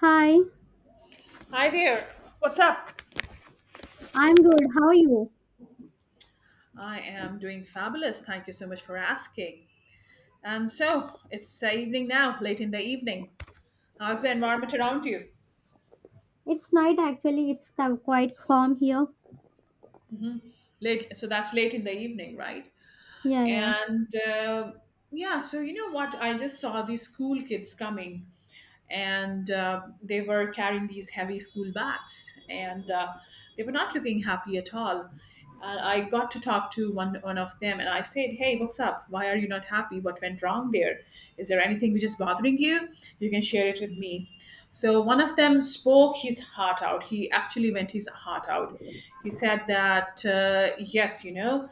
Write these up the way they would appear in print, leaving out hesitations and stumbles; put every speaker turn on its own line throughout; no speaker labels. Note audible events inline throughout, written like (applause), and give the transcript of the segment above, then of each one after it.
Hi,
Hi there. What's up?
I'm good. How are you?
I am doing fabulous. Thank you so much for asking. And so it's evening now, late in the evening. How's the environment around you?
It's night actually. It's quite calm here.
Late. So that's late in the evening, right?
Yeah.
And uh, yeah, so you know what? I just saw these school kids coming and they were carrying these heavy school bags and they were not looking happy at all, and I got to talk to one of them and I said, hey, what's up, why are you not happy, what went wrong there, is there anything which is bothering you, you can share it with me. So one of them spoke his heart out, he actually went his heart out. He said that yes, you know,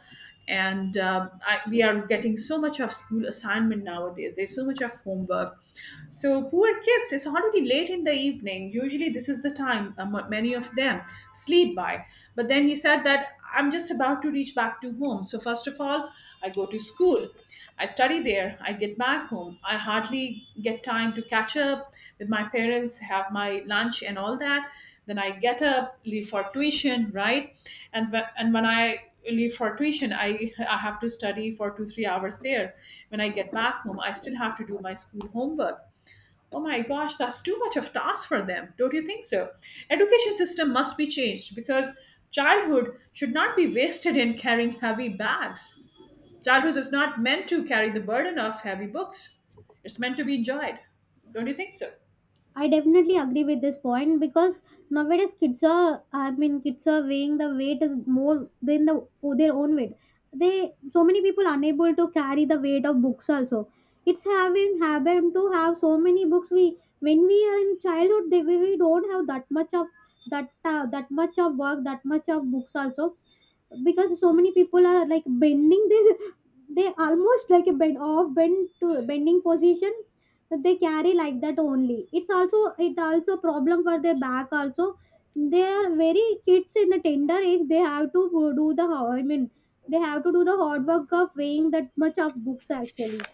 and we are getting so much of school assignment nowadays, there's so much of homework. So poor kids, it's already late in the evening. Usually, this is the time many of them sleep by. But then he said that I'm just about to reach back to home. So, first of all, I go to school. I study there. I get back home. I hardly get time to catch up with my parents, have my lunch, and all that. Then I get up, leave for tuition, right? And when I leave for tuition, I have to study for 2 3 hours there. When I get back home, I still have to do my school homework. Oh my gosh, that's too much of task for them, don't you think so? Education system must be changed, because childhood should not be wasted in carrying heavy bags. Childhood is not meant to carry the burden of heavy books, it's meant to be enjoyed. Don't you think so?
I definitely agree with this point because nowadays kids are, kids are weighing the weight is more than the their own weight. They so many people unable to carry the weight of books also. It's having happened to have so many books. We when we are in childhood, we don't have that much of that that much of work, that much of books also because so many people are like bending their they almost like a bend off bend to bending position they carry like that only it's also it also problem for their back also they are very kids in the tender age they have to go do the ho- I mean they have to do the hard work of weighing that much of books actually.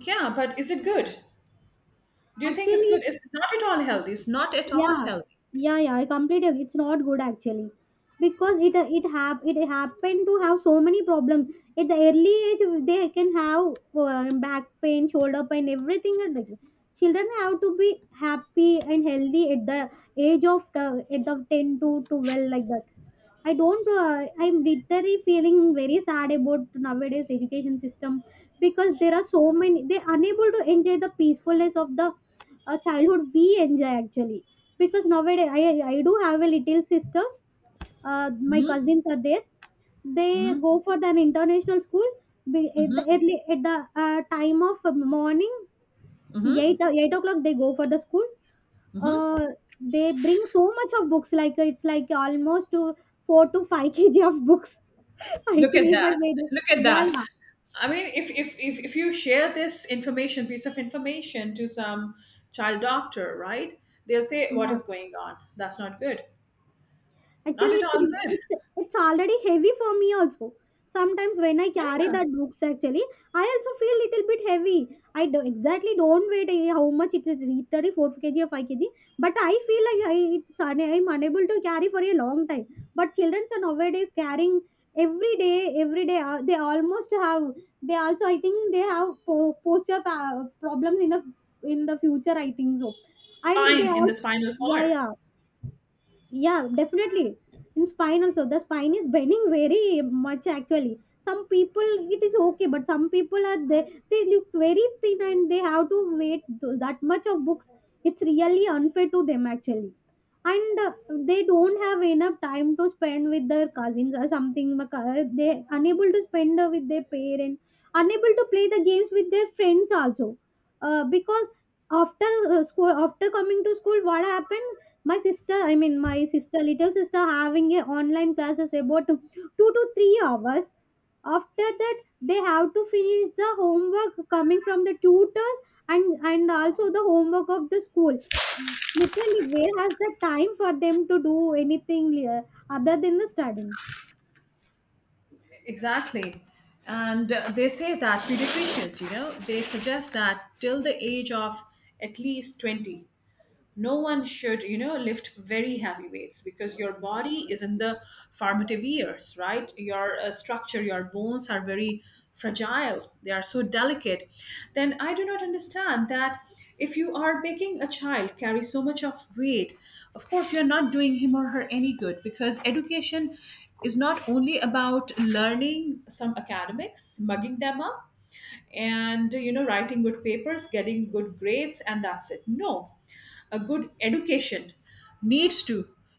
Yeah, but is it good? Do you
Actually
think it's good?
it's
It's not at all healthy, it's not at all
Yeah,
healthy.
yeah. I completely agree. It's not good actually because it happened to have so many problems at the early age. They can have back pain, shoulder pain, everything. Children have to be happy and healthy at the age of at the 10 to 12 like that. I don't. I'm literally feeling very sad about nowadays education system because there are so many. They're unable to enjoy the peacefulness of the childhood we enjoy actually, because nowadays I do have a little sisters. My cousins are there. They
Mhm.
go for an international school Be- at the early at the time of morning 8 o'clock. They go for the school. Uh, they bring so much of books. Like it's like almost to four to five (laughs) kg of books. (laughs) I
Look at
think if I
that.
made it,
Look at
yeah,
that.
yeah,
I mean, if you share this information, piece of information to some child doctor, right? They'll say, what
yeah.
is going on? That's not good. Not
Actually,
at all good.
it's already heavy for me also. Sometimes when I carry
Yeah.
that books, actually, I also feel little bit heavy. I do, exactly don't weight how much it is 34 kg or 5 kg, but I feel like I'm unable to carry for a long time. But children are nowadays carrying every day, every day. They almost have they also I think they have posture problems in the future. I think so, and
Spine,
they
in the
all
spinal
yeah
cord.
yeah yeah, definitely. In spine also, the spine is bending very much actually. Some people it is okay, but some people are they look very thin and they have to wait that much of books. It's really unfair to them actually, and they don't have enough time to spend with their cousins or something, because they unable to spend with their parents, unable to play the games with their friends also, because after school, after coming to school, what happened, my sister little sister having a online classes about 2 to 3 hours. After that, they have to finish the homework coming from the tutors, and also the homework of the school. Literally, where has the time for them to do anything other than the studying?
Exactly. And they say that pediatricians, you know, they suggest that till the age of at least 20, no one should, you know, lift very heavy weights, because your body is in the formative years, right? Your structure, your bones are very fragile, they are so delicate. Then I do not understand that if you are making a child carry so much of weight, of course you're not doing him or her any good. Because education is not only about learning some academics, mugging them up and, you know, writing good papers, getting good grades, and that's it, no. A good education needs to,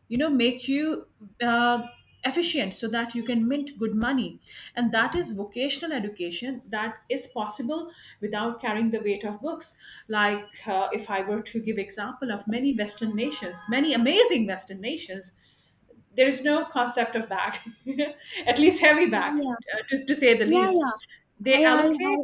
you know, make you uh, efficient so that you can mint good money. And that is vocational education, that is possible without carrying the weight of books. Like if I were to give example of many western nations, many amazing western nations, there is no concept of bag, (laughs) at least heavy bag,
Yeah yeah
to say the
yeah yeah
least. They
I
allocate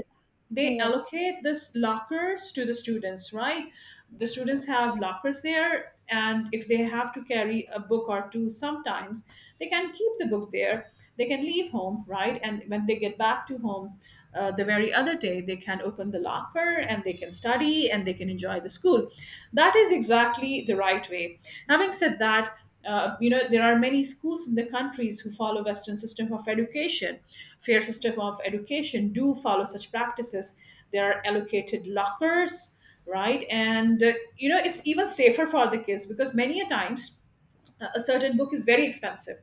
yeah
they
yeah
allocate this lockers to the students, right? The students have lockers there, and if they have to carry a book or two, sometimes they can keep the book there, they can leave home, right? And when they get back to home, the very other day they can open the locker and they can study and they can enjoy the school. That is exactly the right way. Having said that, you know, there are many schools in the countries who follow western system of education, fair system of education, do follow such practices. There are allocated lockers, right? And you know, it's even safer for the kids, because many a times a certain book is very expensive,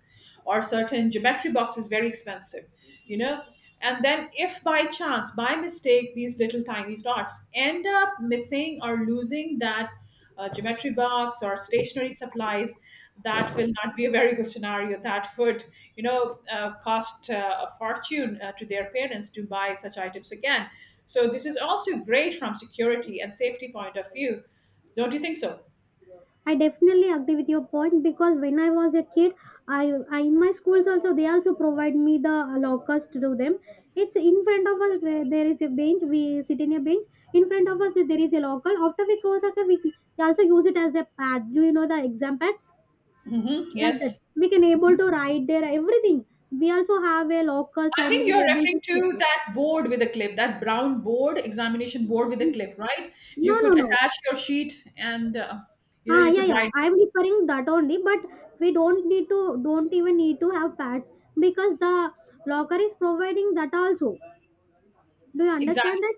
or certain geometry box is very expensive, you know. And then if by chance, by mistake, these little tiny dots end up missing or losing that geometry box or stationery supplies, that will not be a very good scenario. That would, you know, cost a fortune to their parents to buy such items again. So this is also great from security and safety point of view, don't you think so?
I definitely agree with your point because when I was a kid, I in my schools also they also provide me the lockers to do them. It's in front of us where there is a bench. We sit in a bench. In front of us there is a locker. After we close locker, we also use it as a pad. Do you know the exam pad
Hmm,
like that?
yes.
We can able to write there everything. We also have a lockers
I
and
think
we
you're
able
referring
to skip
to
it.
that board with a clip, that brown board, examination board with a clip, right?
No,
You could
no, no.
attach your sheet and, you know,
Ah,
you
yeah,
could
yeah.
write.
I'm referring that only, but we don't even need to have pads because the locker is providing that also. Do you understand
Exactly.
that?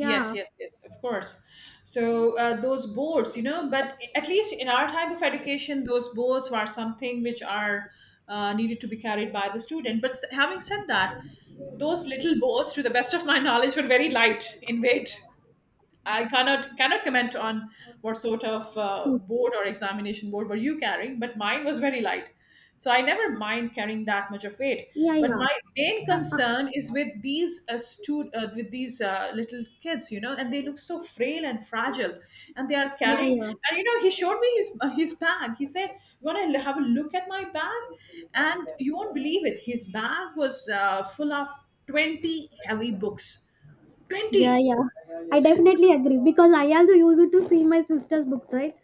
Yes, yes, yes, of course. So those boards, you know, but at least in our type of education, those boards were something which are needed to be carried by the student. But having said that, those little boards, to the best of my knowledge, were very light in weight. I cannot comment on what sort of
Hmm.
board or examination board were you carrying, but mine was very light. So I never mind carrying that much of weight.
yeah,
But
yeah,
my main
uh, uh,
concern is with these with these little kids, you know, and they look so frail and fragile, and they are
yeah,
carrying.
yeah.
And you know, he showed me his bag. He said, "You want to have a look at my bag?" And you won't believe it. His bag was full of 20 heavy books.
Yeah,
Twenty.
yeah. I definitely agree because I also use it to see my sister's books, right?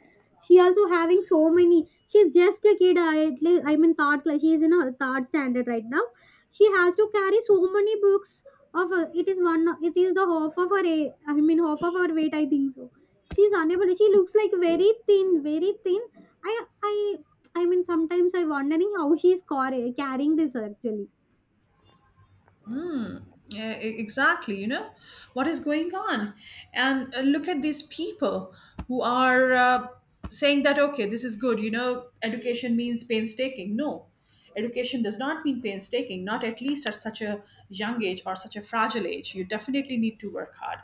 She also having so many. She's just a kid. I at least I mean third class. She is in her third standard right now. She has to carry so many books. Of her, it is one. It is the half of her. Half of her weight. I think so. She's unable. She looks like very thin, very thin. I I I mean sometimes I wondering how carrying this actually.
Hmm. Yeah, exactly, you know, what is going on. And look at these people who are saying that okay, this is good, you know, education means painstaking, no. Education does not mean painstaking, not at least at such a young age or such a fragile age. You definitely need to work hard,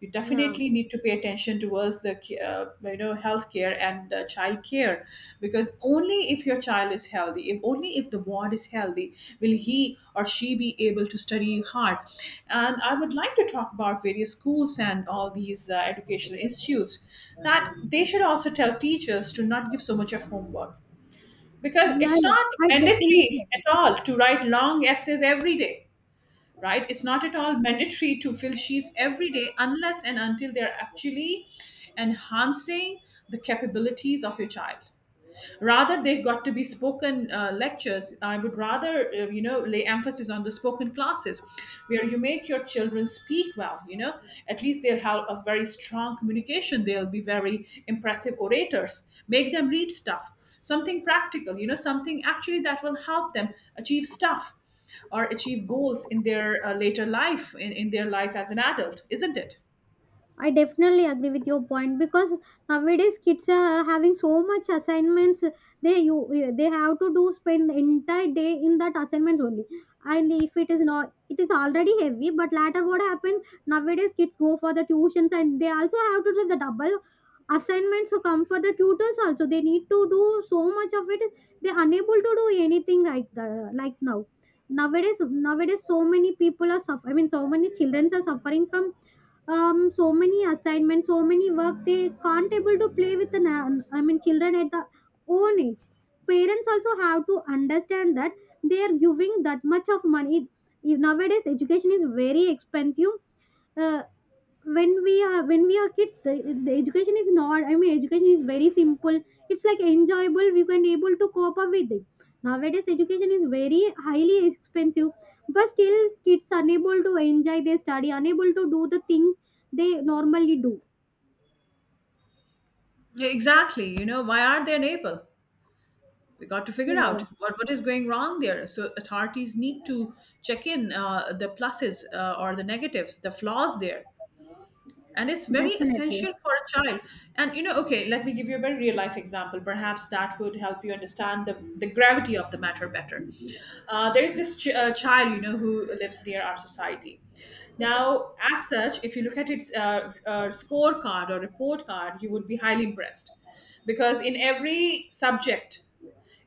you
Yeah.
definitely need to pay attention towards the you know, healthcare and child care. Because only if your child is healthy, if only if the ward is healthy, will he or she be able to study hard. And I would like to talk about various schools and all these educational issues, that they should also tell teachers to not give so much of homework, because
Yeah,
it's
yeah.
not
I definitely
mandatory
agree.
at all to write long essays every day, right? It's not at all mandatory to fill sheets every day, unless and until they're actually enhancing the capabilities of your child. Rather they've got to be spoken lectures. I would rather you know, lay emphasis on the spoken classes where you make your children speak well, you know, at least they'll have a very strong communication, they'll be very impressive orators. Make them read stuff, something practical, you know, something actually that will help them achieve stuff or achieve goals in their later life, in their life as an adult, isn't it?
I definitely agree with your point because nowadays kids are having so much assignments. They you they have to do spend entire day in that assignments only. And if it is not, it is already heavy. But later, what happens nowadays? Kids go for the tuitions and they also have to do the double assignments to come for the tutors also. They need to do so much of it. They are unable to do anything like the like now. Nowadays, so many people are suffering. So many children are suffering from so many assignments, so many work, they can't able to play with the children at the own age. Parents also have to understand that they are giving that much of money. If nowadays education is very expensive, uh, when we are kids, the education is not, education is very simple, it's like enjoyable, we can able to cope up with it. Nowadays education is very highly expensive, but still kids unable to enjoy their study, unable to do the things they normally do.
Yeah, exactly. You know, why aren't they able? We got to figure
Yeah
out
yeah
what is going wrong there. So authorities need to check in the pluses or the negatives, the flaws there. And it's very
definitely
essential for a child. And you know, okay, let me give you a very real life example, perhaps that would help you understand the gravity of the matter better. There is this child, you know, who lives near our society. Now as such, if you look at its scorecard or report card, you would be highly impressed, because in every subject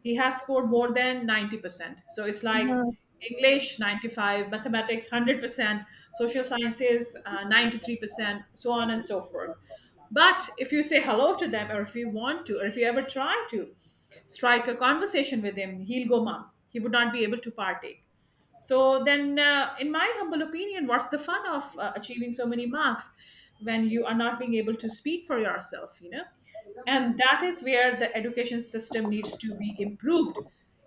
he has scored more than 90%. So it's like
yeah
English 95, mathematics 100%, social sciences 93%, so on and so forth. But if you say hello to them, or if you want to, or if you ever try to strike a conversation with him, he'll go mum. He would not be able to partake. So then, in my humble opinion, what's the fun of achieving so many marks when you are not being able to speak for yourself, you know? And that is where the education system needs to be improved.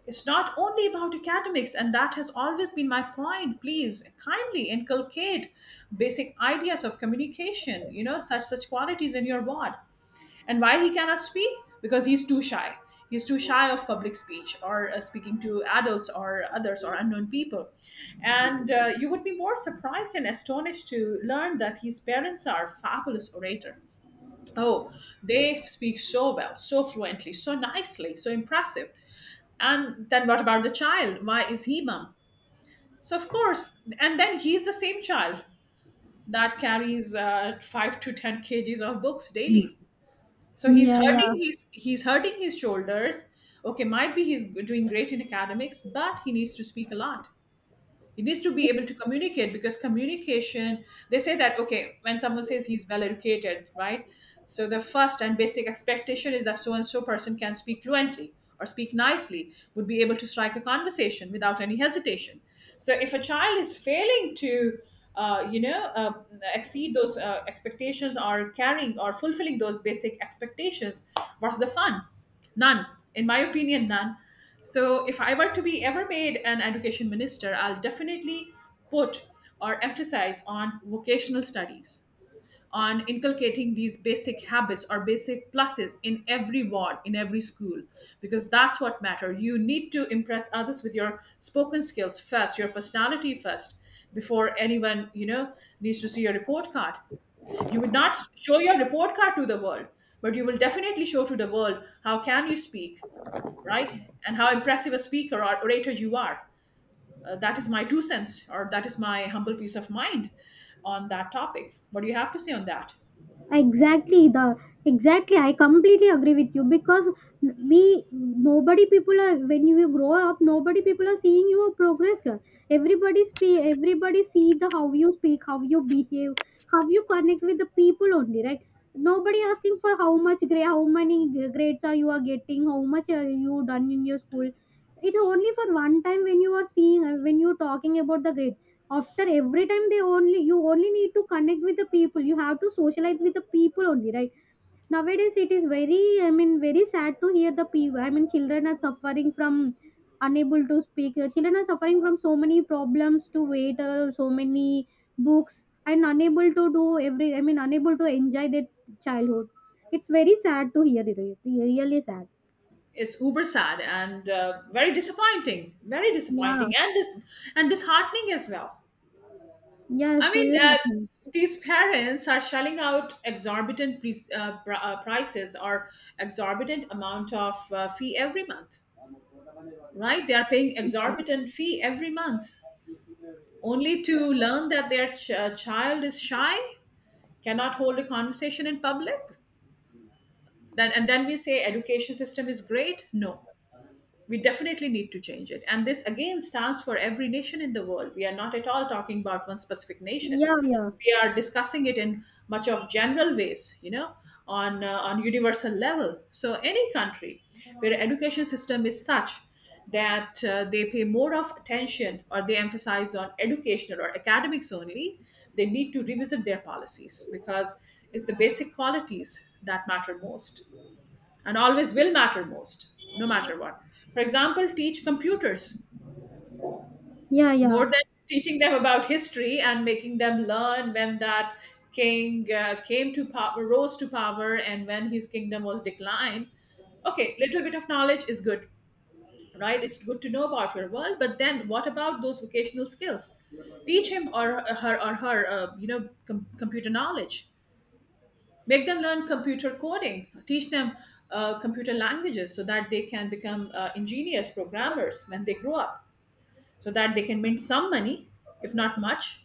It's not only about academics, and that has always been my point. Please kindly inculcate basic ideas of communication, you know, such qualities in your ward. And why he cannot speak? Because he's too shy. He's too shy of public speech or speaking to adults or others or unknown people. And you would be more surprised and astonished to learn that his parents are fabulous orator. Oh, they speak so well, so fluently, so nicely, so impressive. And then what about the child? Why is he mum? So of course, and then he's the same child that carries 5 to 10 kg of books daily, so he's
yeah
hurting
yeah
his, he's hurting his shoulders. Okay, might be he's doing great in academics, but he needs to speak a lot. It needs to be able to communicate, because communication, they say that, okay, when someone says he's well educated, right? So the first and basic expectation is that so and so person can speak fluently or speak nicely, would be able to strike a conversation without any hesitation. So if a child is failing to, uh, you know, uh, exceed those expectations or carrying or fulfilling those basic expectations, what's the fun? None, in my opinion, none. So, if I were to be ever made an education minister, I'll definitely put or emphasize on vocational studies, on inculcating these basic habits or basic pluses in every ward, in every school, because that's what matters. You need to impress others with your spoken skills first, your personality first, before anyone, needs to see your report card. You would not show your report card to the world, but you will definitely show to the world how can you speak, right? And how impressive a speaker or orator you are. That is my two cents, or that is my humble piece of mind on that topic. What do you have to say on that?
Exactly. the exactly I completely agree with you because we nobody people are when you grow up, nobody people are seeing your progress girl. Everybody speak, everybody see the how you speak, how you behave, how you connect with the people only, right? Nobody asking for how much grade, how many grades are you are getting, how much are you done in your school. It's only for one time when you are seeing when you talking about the grades. After every time, they only you only need to connect with the people, you have to socialize with the people only, right? Nowadays it is very, very sad to hear the people, children are suffering from unable to speak. Children are suffering from so many problems to wait so many books, and unable to do every, unable to enjoy their childhood. It's very sad to hear it, it really sad.
It's uber sad and very disappointing,
yeah
and and disheartening as well.
yeah
I mean,
Still happening.
these parents are shelling out exorbitant prices or exorbitant amount of fee every month. Right, they are paying
Yeah
exorbitant fee every month only to learn that their child is shy, cannot hold a conversation in public, then and then we say education system is great. No, we definitely need to change it, and this again stands for every nation in the world. We are not at all talking about one specific nation.
yeah
We are discussing it in much of general ways, on universal level. So any country where education system is such that they pay more of attention or they emphasize on educational or academics only, they need to revisit their policies, because it's the basic qualities that matter most, and always will matter most, no matter what. For example, teach computers
yeah yeah yeah
more than teaching them about history and making them learn when that king came to power, rose to power, and when his kingdom was declined. Okay, little bit of knowledge is good, right? It's good to know about your world, but then what about those vocational skills? Teach him or her computer knowledge. Make them learn computer coding, teach them computer languages so that they can become engineers, programmers when they grow up, so that they can mint some money, if not much.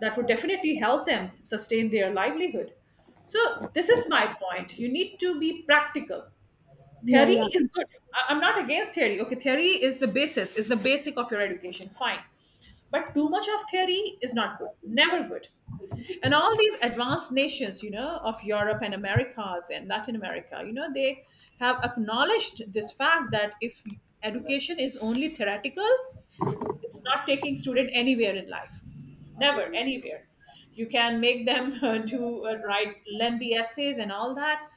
That would definitely help them sustain their livelihood. So this is my point: you need to be practical.
yeah
Theory
yeah
is good. I'm not against theory. Okay, theory is the basis, is the basic of your education, fine. But too much of theory is not good, never good. And all these advanced nations, of Europe and Americas and Latin America, they have acknowledged this fact, that if education is only theoretical, it's not taking student anywhere in life, never anywhere. You can make them (laughs) do write lengthy essays and all that,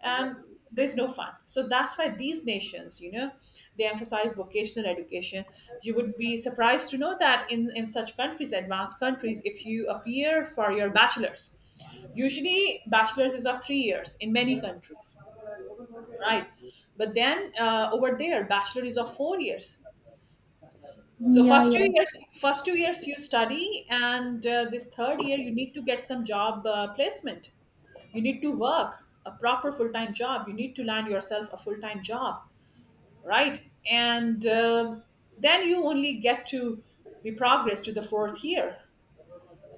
and there's no fun. So that's why these nations, they emphasize vocational education. You would be surprised to know that in such countries, advanced countries, if you appear for your bachelor's, usually bachelor's is of 3 years in many countries, right? But then over there bachelor is of 4 years. So
Yeah,
first
yeah.
2 years, first 2 years you study, and this third year you need to get some job placement. You need to work a proper full time job. You need to land yourself a full time job, right? And then you only get to be progress to the fourth year.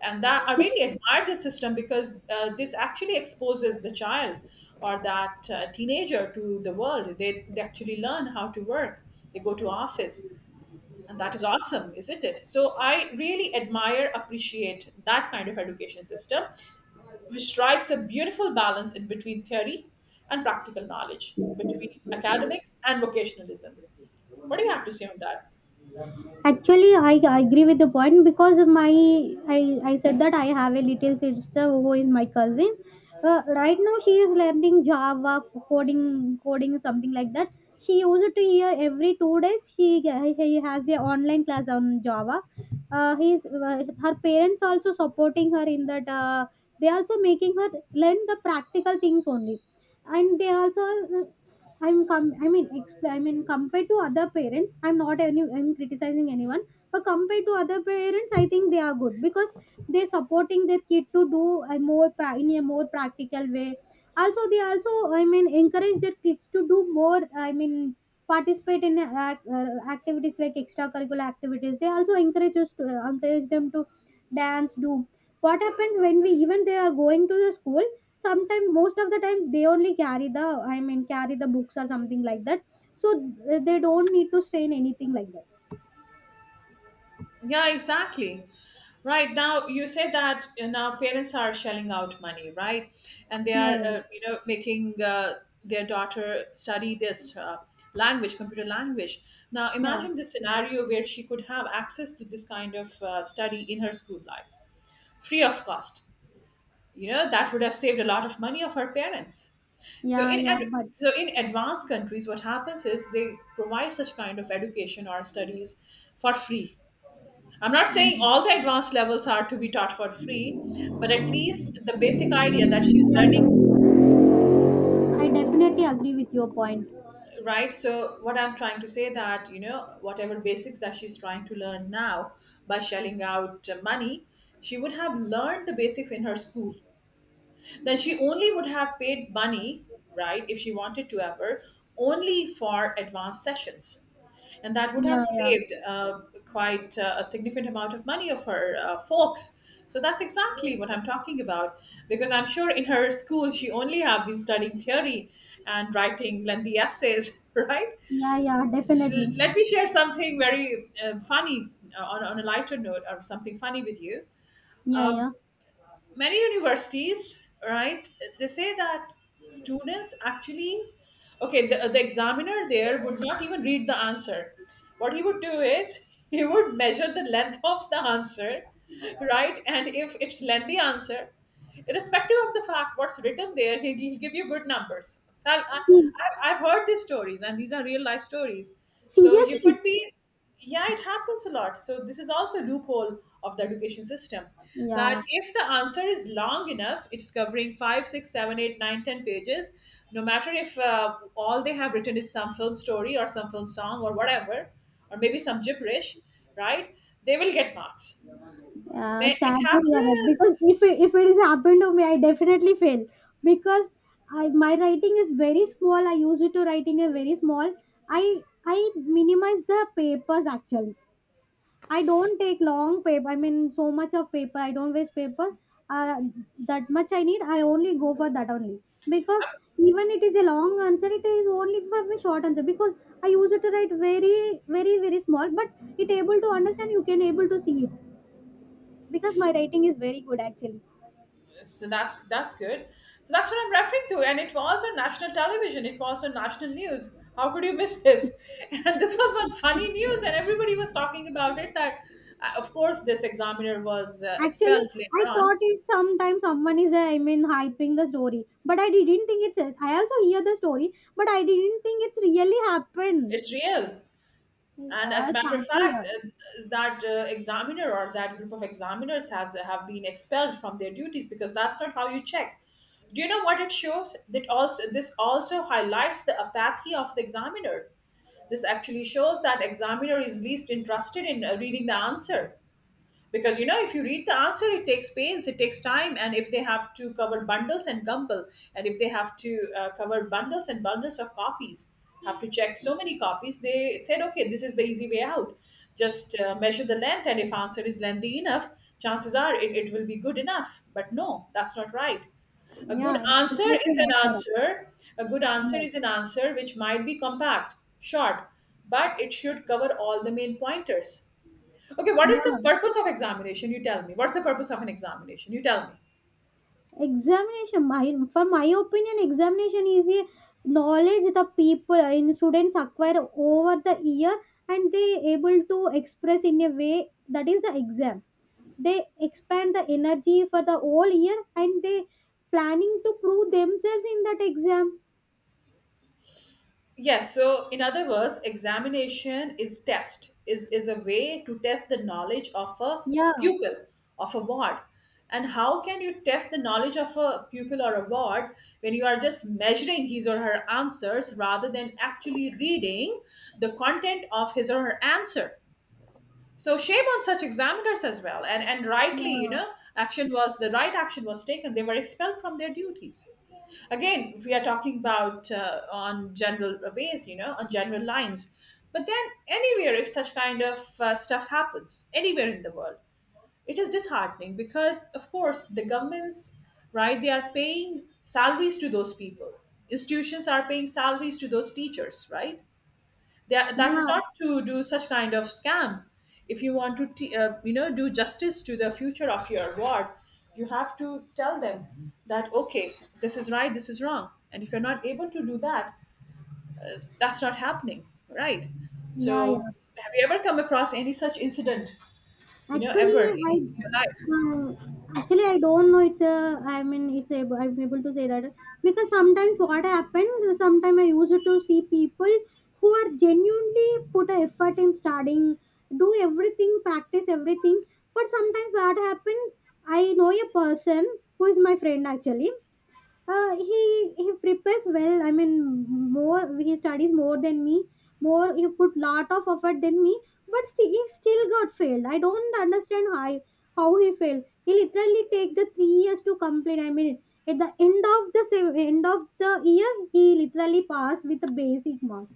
And that I
Yes.
really admire this system, because this actually exposes the child or that teenager to the world. They actually learn how to work. They go to office, and that is awesome, isn't it? So I really admire, appreciate that kind of education system, which strikes a beautiful balance in between theory and practical knowledge, between academics and vocationalism. What do you have to say on that?
Actually, I agree with the point because my, I said that I have a little sister who is my cousin. Right now, she is learning Java coding, coding something like that. She used to hear every two days. She has a online class on Java. His her parents also supporting her in that. They also making her learn the practical things only, and they also I'm com- I mean expl- I mean compared to other parents, I'm not any I'm criticizing anyone, but compared to other parents I think they are good because they're supporting their kid to do in a more practical way. Also, they also, encourage their kids to do more, participate in activities like extracurricular activities. They also encourage us to, encourage them to dance, do, what happens when we, even they are going to the school, sometimes most of the time they only carry the, carry the books or something like that, so they don't need to strain anything like that.
Yeah, exactly. Right now, you say that now parents are shelling out money, right? And they
Yeah
are,
yeah
making their daughter study this language, computer language. Now,
yeah
imagine the scenario where she could have access to this kind of study in her school life, free of cost. That would have saved a lot of money of her parents. So
yeah
in
yeah
ad-
but
so in advanced countries, what happens is they provide such kind of education or studies for free. I'm not saying all the advanced levels are to be taught for free, but at least the basic idea that she's
yeah,
learning,
yeah. I definitely agree with your point.
right? So what I'm trying to say that, whatever basics that she's trying to learn now by shelling out money, she would have learned the basics in her school. Then she only would have paid money, right, if she wanted to ever, only for advanced sessions, and that would have
Yeah yeah
saved quite a significant amount of money of her folks. So that's exactly what I'm talking about, because I'm sure in her school she only have been studying theory and writing lengthy essays. (laughs) Right.
yeah yeah
L-
definitely
let me share something very funny, on, a lighter note, or something funny with you.
yeah
Uh,
yeah
Many universities, right, they say that students actually, okay, the, examiner there would not even read the answer. What he would do is, (laughs) he would measure the length of the answer, right? And if it's lengthy answer, irrespective of the fact what's written there, he'll give you good numbers. So I'll, I,
See,
I, i've heard these stories, and these are real life stories. So you could
seriously
be, yeah, it happens a lot. So this is also a loophole of the education system, that
yeah
if the answer is long enough, it's covering 5, 6, 7, 8, 9, 10 pages, no matter if all they have written is some film story or some film song or whatever, or maybe some gibberish, right, they will get marks. May-
Sad
it
to hear that because
happens.
if it is happened to me, I definitely fail because I my writing is very small. I use it to write in a very small. I minimize the papers actually. I don't take long paper. So much of paper. I don't waste papers. Uh, that much I need. I only go for that only because even it is a long answer, it is only for a short answer because I use it to write very very very small. But it able to understand. You can able to see it because my writing is very good actually.
So that's good. So that's what I'm referring to, and it was on national television, it was on national news. How could you miss this? (laughs) And this was one funny news, and everybody was talking about it, that of course this examiner was
Actually,
expelled
I
later on.
thought it sometimes someone is hyping the story, but I didn't think it's, I also hear the story but I didn't think it's really happened.
It's real. And as a matter of
Sad to
fact,
hear.
that examiner, or that group of examiners, has have been expelled from their duties, because that's not how you check. Do you know what it shows? That also, this also highlights the apathy of the examiner. This actually shows that examiner is least interested in reading the answer, because if you read the answer it takes pains, it takes time, and if they have to cover bundles and bundles, and if they have to cover bundles and bundles of copies, have to check so many copies, they said, okay, this is the easy way out, just measure the length, and if answer is lengthy enough, chances are it will be good enough. But no, that's not right. A good
Yeah, it's
answer
definitely
is an
not correct.
answer. A good answer
No.
is an answer which might be compact, short, but it should cover all the main pointers. Okay, what is the
Yeah,
purpose of examination? You tell me. What's the purpose of an examination? You tell me.
examination, my, for my opinion, examination is a knowledge the people, in students acquire over the year, and they able to express in a way that is the exam. They expand the energy for the whole year and they planning to prove themselves in that exam.
Yes, so in other words, examination is test, is a way to test the knowledge of a
yeah
pupil, of a ward. And how can you test the knowledge of a pupil or a ward when you are just measuring his or her answers rather than actually reading the content of his or her answer? So shame on such examiners as well. And rightly, you
yeah
know, action was the right action was taken. They were expelled from their duties. Again, we are talking about on general ways, you know, on general lines, but then anywhere if such kind of stuff happens anywhere in the world, it is disheartening because of course the governments, right, they are paying salaries to those people. Institutions are paying salaries to those teachers, right? That is
yeah
not to do such kind of scam. If you want to do justice to the future of your ward, you have to tell them that, okay, this is right, this is wrong. And if you're not able to do that, that's not happening, right?
yeah
So
yeah
have you ever come across any such incident, you know,
Actually,
ever
I,
in your life?
um, actually I don't know, it's a, it's a, I'm able to say that because sometimes what happens, sometimes I used to see people who are genuinely put a effort in studying, do everything, practice everything, but sometimes what happens, I know a person who is my friend actually. uh, he he prepares well, more he studies more than me, more he put lot of effort than me, but still he still got failed. I don't understand how he failed. He literally take the 3 years to complete, at the end of the end of the year he literally passed with a basic mark.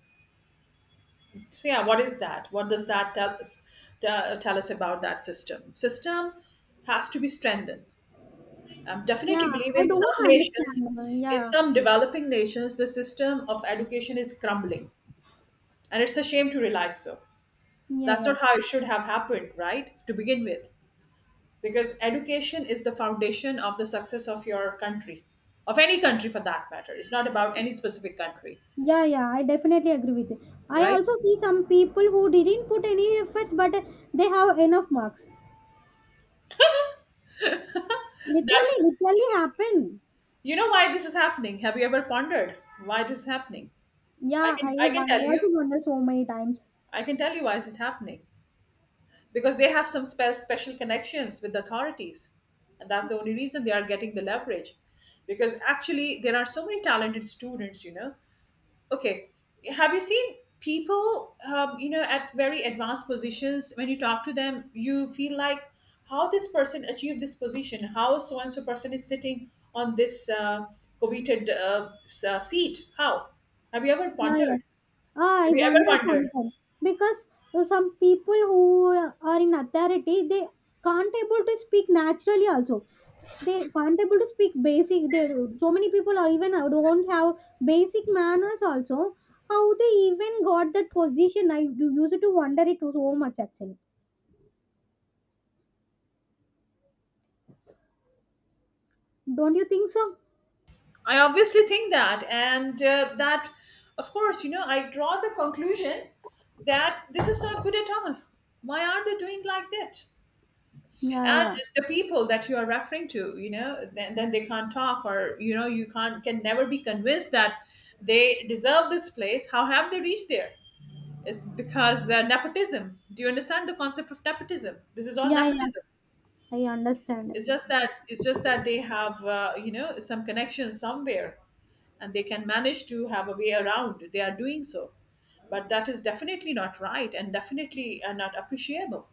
So yeah, what is that? What does that tell us? Tell us about that system. Has to be strengthened. I definitely
Yeah
believe
I
in some
don't understand
nations, in
yeah
some developing nations, the system of education is crumbling. And it's a shame to realize so.
yeah
That's
yeah
not how it should have happened, right? To begin with. Because education is the foundation of the success of your country, of any country for that matter. It's not about any specific country,
yeah yeah I definitely agree with you. I
right?
also see some people who didn't put any efforts but they have enough marks.
That
Literally, literally happen.
you know why this is happening. Have you ever pondered why this is happening? I
Yeah,
can
I,
I can
I
tell you.
also wonder so many times.
I can tell you why is it happening. Because they have some special connections with the authorities and that's the only reason they are getting the leverage, because actually there are so many talented students, you know. Okay, have you seen people, you know, at very advanced positions, when you talk to them you feel like how this person achieved this position, how so and so person is sitting on this coveted seat? How? Have you ever
Yeah, yeah.
pondered?
Ah,
Have
I
you ever
wondered
wondered?
sometimes because some people who are in authority, they can't able to speak naturally. Also, they can't able to speak basic. They, so many people are even don't have basic manners. Also, how they even got that position? Used to wonder it so much actually. Don't you think so?
I obviously think that, and that, of course, you know, I draw the conclusion that this is not good at all. Why are they doing like that?
Yeah,
And
yeah,
the people that you are referring to, you know, then they can't talk, or you know, you can never be convinced that they deserve this place. How have they reached there? It's because nepotism. Do you understand the concept of nepotism? This is all
yeah.
nepotism.
I understand
It's just
everything.
that it's just that they have, you know, some connection somewhere and they can manage to have a way around, they are doing so. But that is definitely not right and definitely not appreciable.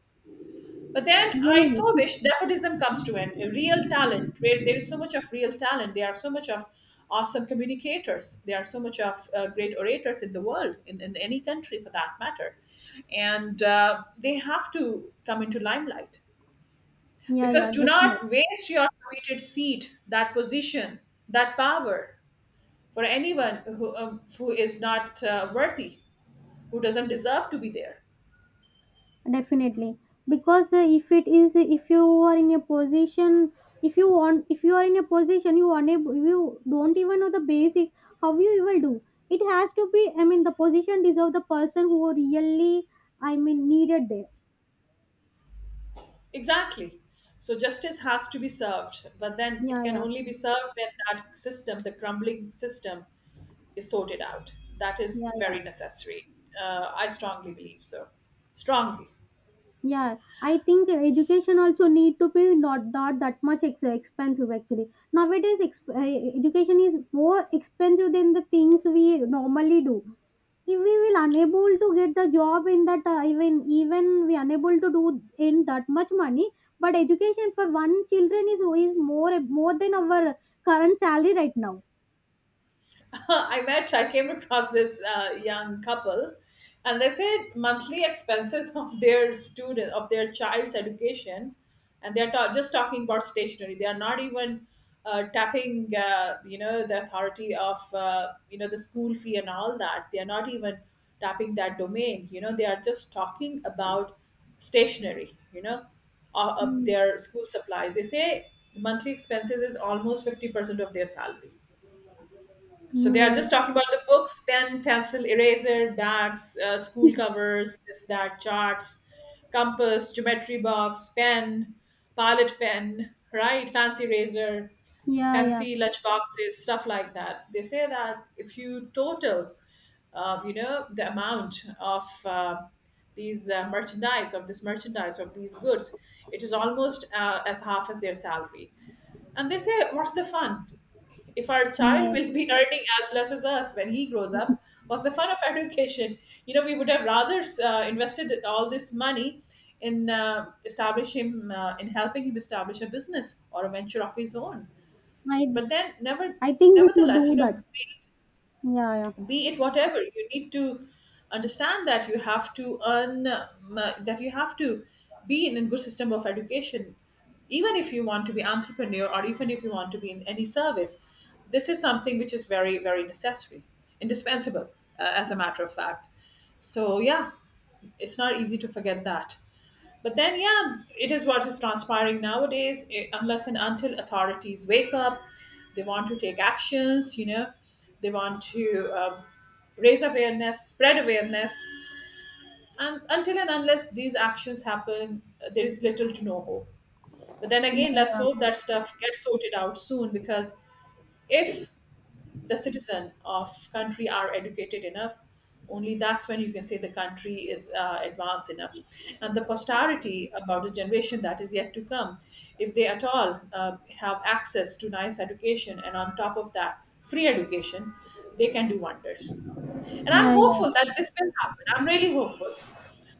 But then I
Yes.
so wish
yes.
nepotism comes to an a real talent where there is so much of real talent. There are so much of awesome communicators. There are so much of great orators in the world, in any country for that matter. And they have to come into limelight,
Yeah,
because
yeah,
do
definitely,
not waste your committed seat, that position, that power for anyone who is not worthy, who doesn't deserve to be there.
Definitely. Because if it is, if you are in a position, if you want, if you are in a position, you unable, you don't even know the basic, how you will do. It has to be. The position deserve the person who really, needed there.
Exactly. So justice has to be served, but then it
Yeah,
can
yeah,
only be served when that system, the crumbling system, is sorted out. That is
yeah, yeah,
very necessary. I strongly believe so. Strongly.
yeah. I think education also need to be not not that much expensive actually. Nowadays, education is more expensive than the things we normally do. If we will unable to get the job in that even we unable to do in that much money, but education for one children is more more than our current salary right now.
(laughs) I met, I came across this young couple, and they said monthly expenses (laughs) of their student of their child's education, and they're just talking about stationery. They are not even tapping, you know, the authority of you know the school fee and all that. They are not even tapping that domain. You know, they are just talking about stationery. You know,
Mm.
their school supplies. They say monthly expenses is almost 50% of their salary, so they are just
Oh,
talking about the books, pen, pencil, eraser, bags, school covers, this, that, charts, compass, geometry box, pen, pilot pen, right? Fancy razor,
yeah yeah
fancy lunch boxes, stuff like that. They say that if you total, you know, the amount of these merchandise, of this merchandise, of these goods, it is almost as half as their salary. And they say, what's the fun? If our
yeah
child
yeah.
will be earning as less as us when he grows up, what's the fun of (laughs) education? You know, we would have rather invested all this money in establish him, in helping him establish a business or a venture of his own.
i
But then, never,
I think we should
nevertheless, you
do
know,
that.
we,
yeah yeah
be it whatever, you need to understand that you have to earn that you have to be in a good system of education, even if you want to be entrepreneur or even if you want to be in any service. This is something which is very very necessary, indispensable, as a matter of fact. So yeah, it's not easy to forget that. But then, yeah, it is what is transpiring nowadays. Unless and until authorities wake up, they want to take actions, you know, they want to raise awareness, spread awareness. And until and unless these actions happen, there is little to no hope. But then
yeah
again, let's
yeah
hope that stuff gets sorted out soon, because if the citizen of country are educated enough, only that's when you can say the country is advanced enough. And the posterity about the generation that is yet to come, if they at all have access to nice education and on top of that free education, they can do wonders. And I'm
yeah, yeah.
hopeful that this will happen. I'm really hopeful.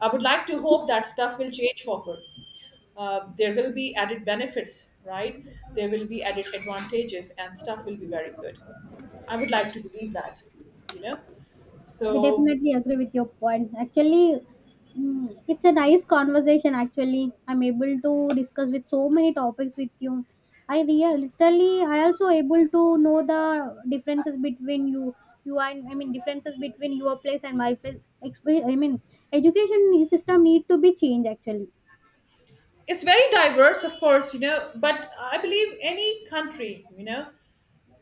I would like to hope that stuff will change for good. There will be added benefits, right? There will be added advantages and stuff will be very good. I would like to believe that, you know.
I
So
definitely agree with your point actually. It's a nice conversation actually, I'm able to discuss with so many topics with you. I real literally, I also able to know the differences between you you and I mean differences between your place and my place. Exp- i mean education system need to be changed actually.
it's very diverse, of course, you know. But I believe any country, you know,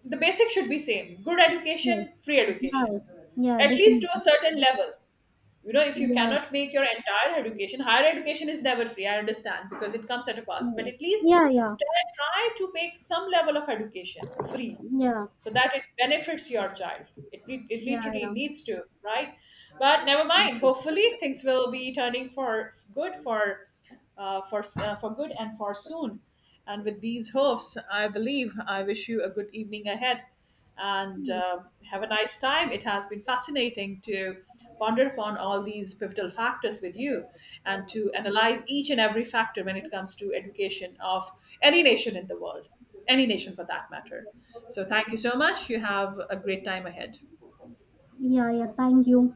the basic should be same: good
Yeah
education, free
yeah
education,
yeah
at least to
definitely
a certain level. You know, if you
yeah
cannot make your entire education, higher education is never free. I understand because it comes at a cost, but
yeah
at least
yeah yeah
try, try to make some level of education
yeah
free
yeah
so that it benefits your child. It, it
yeah
literally needs to, right? But never mind. Hopefully, things will be turning for good for for good and for soon. And with these hopes, I believe I wish you a good evening ahead and have a nice time. It has been fascinating to ponder upon all these pivotal factors with you and to analyze each and every factor when it comes to education of any nation in the world, any nation for that matter. So, thank you so much. You have a great time ahead.
Yeah, yeah. Thank you.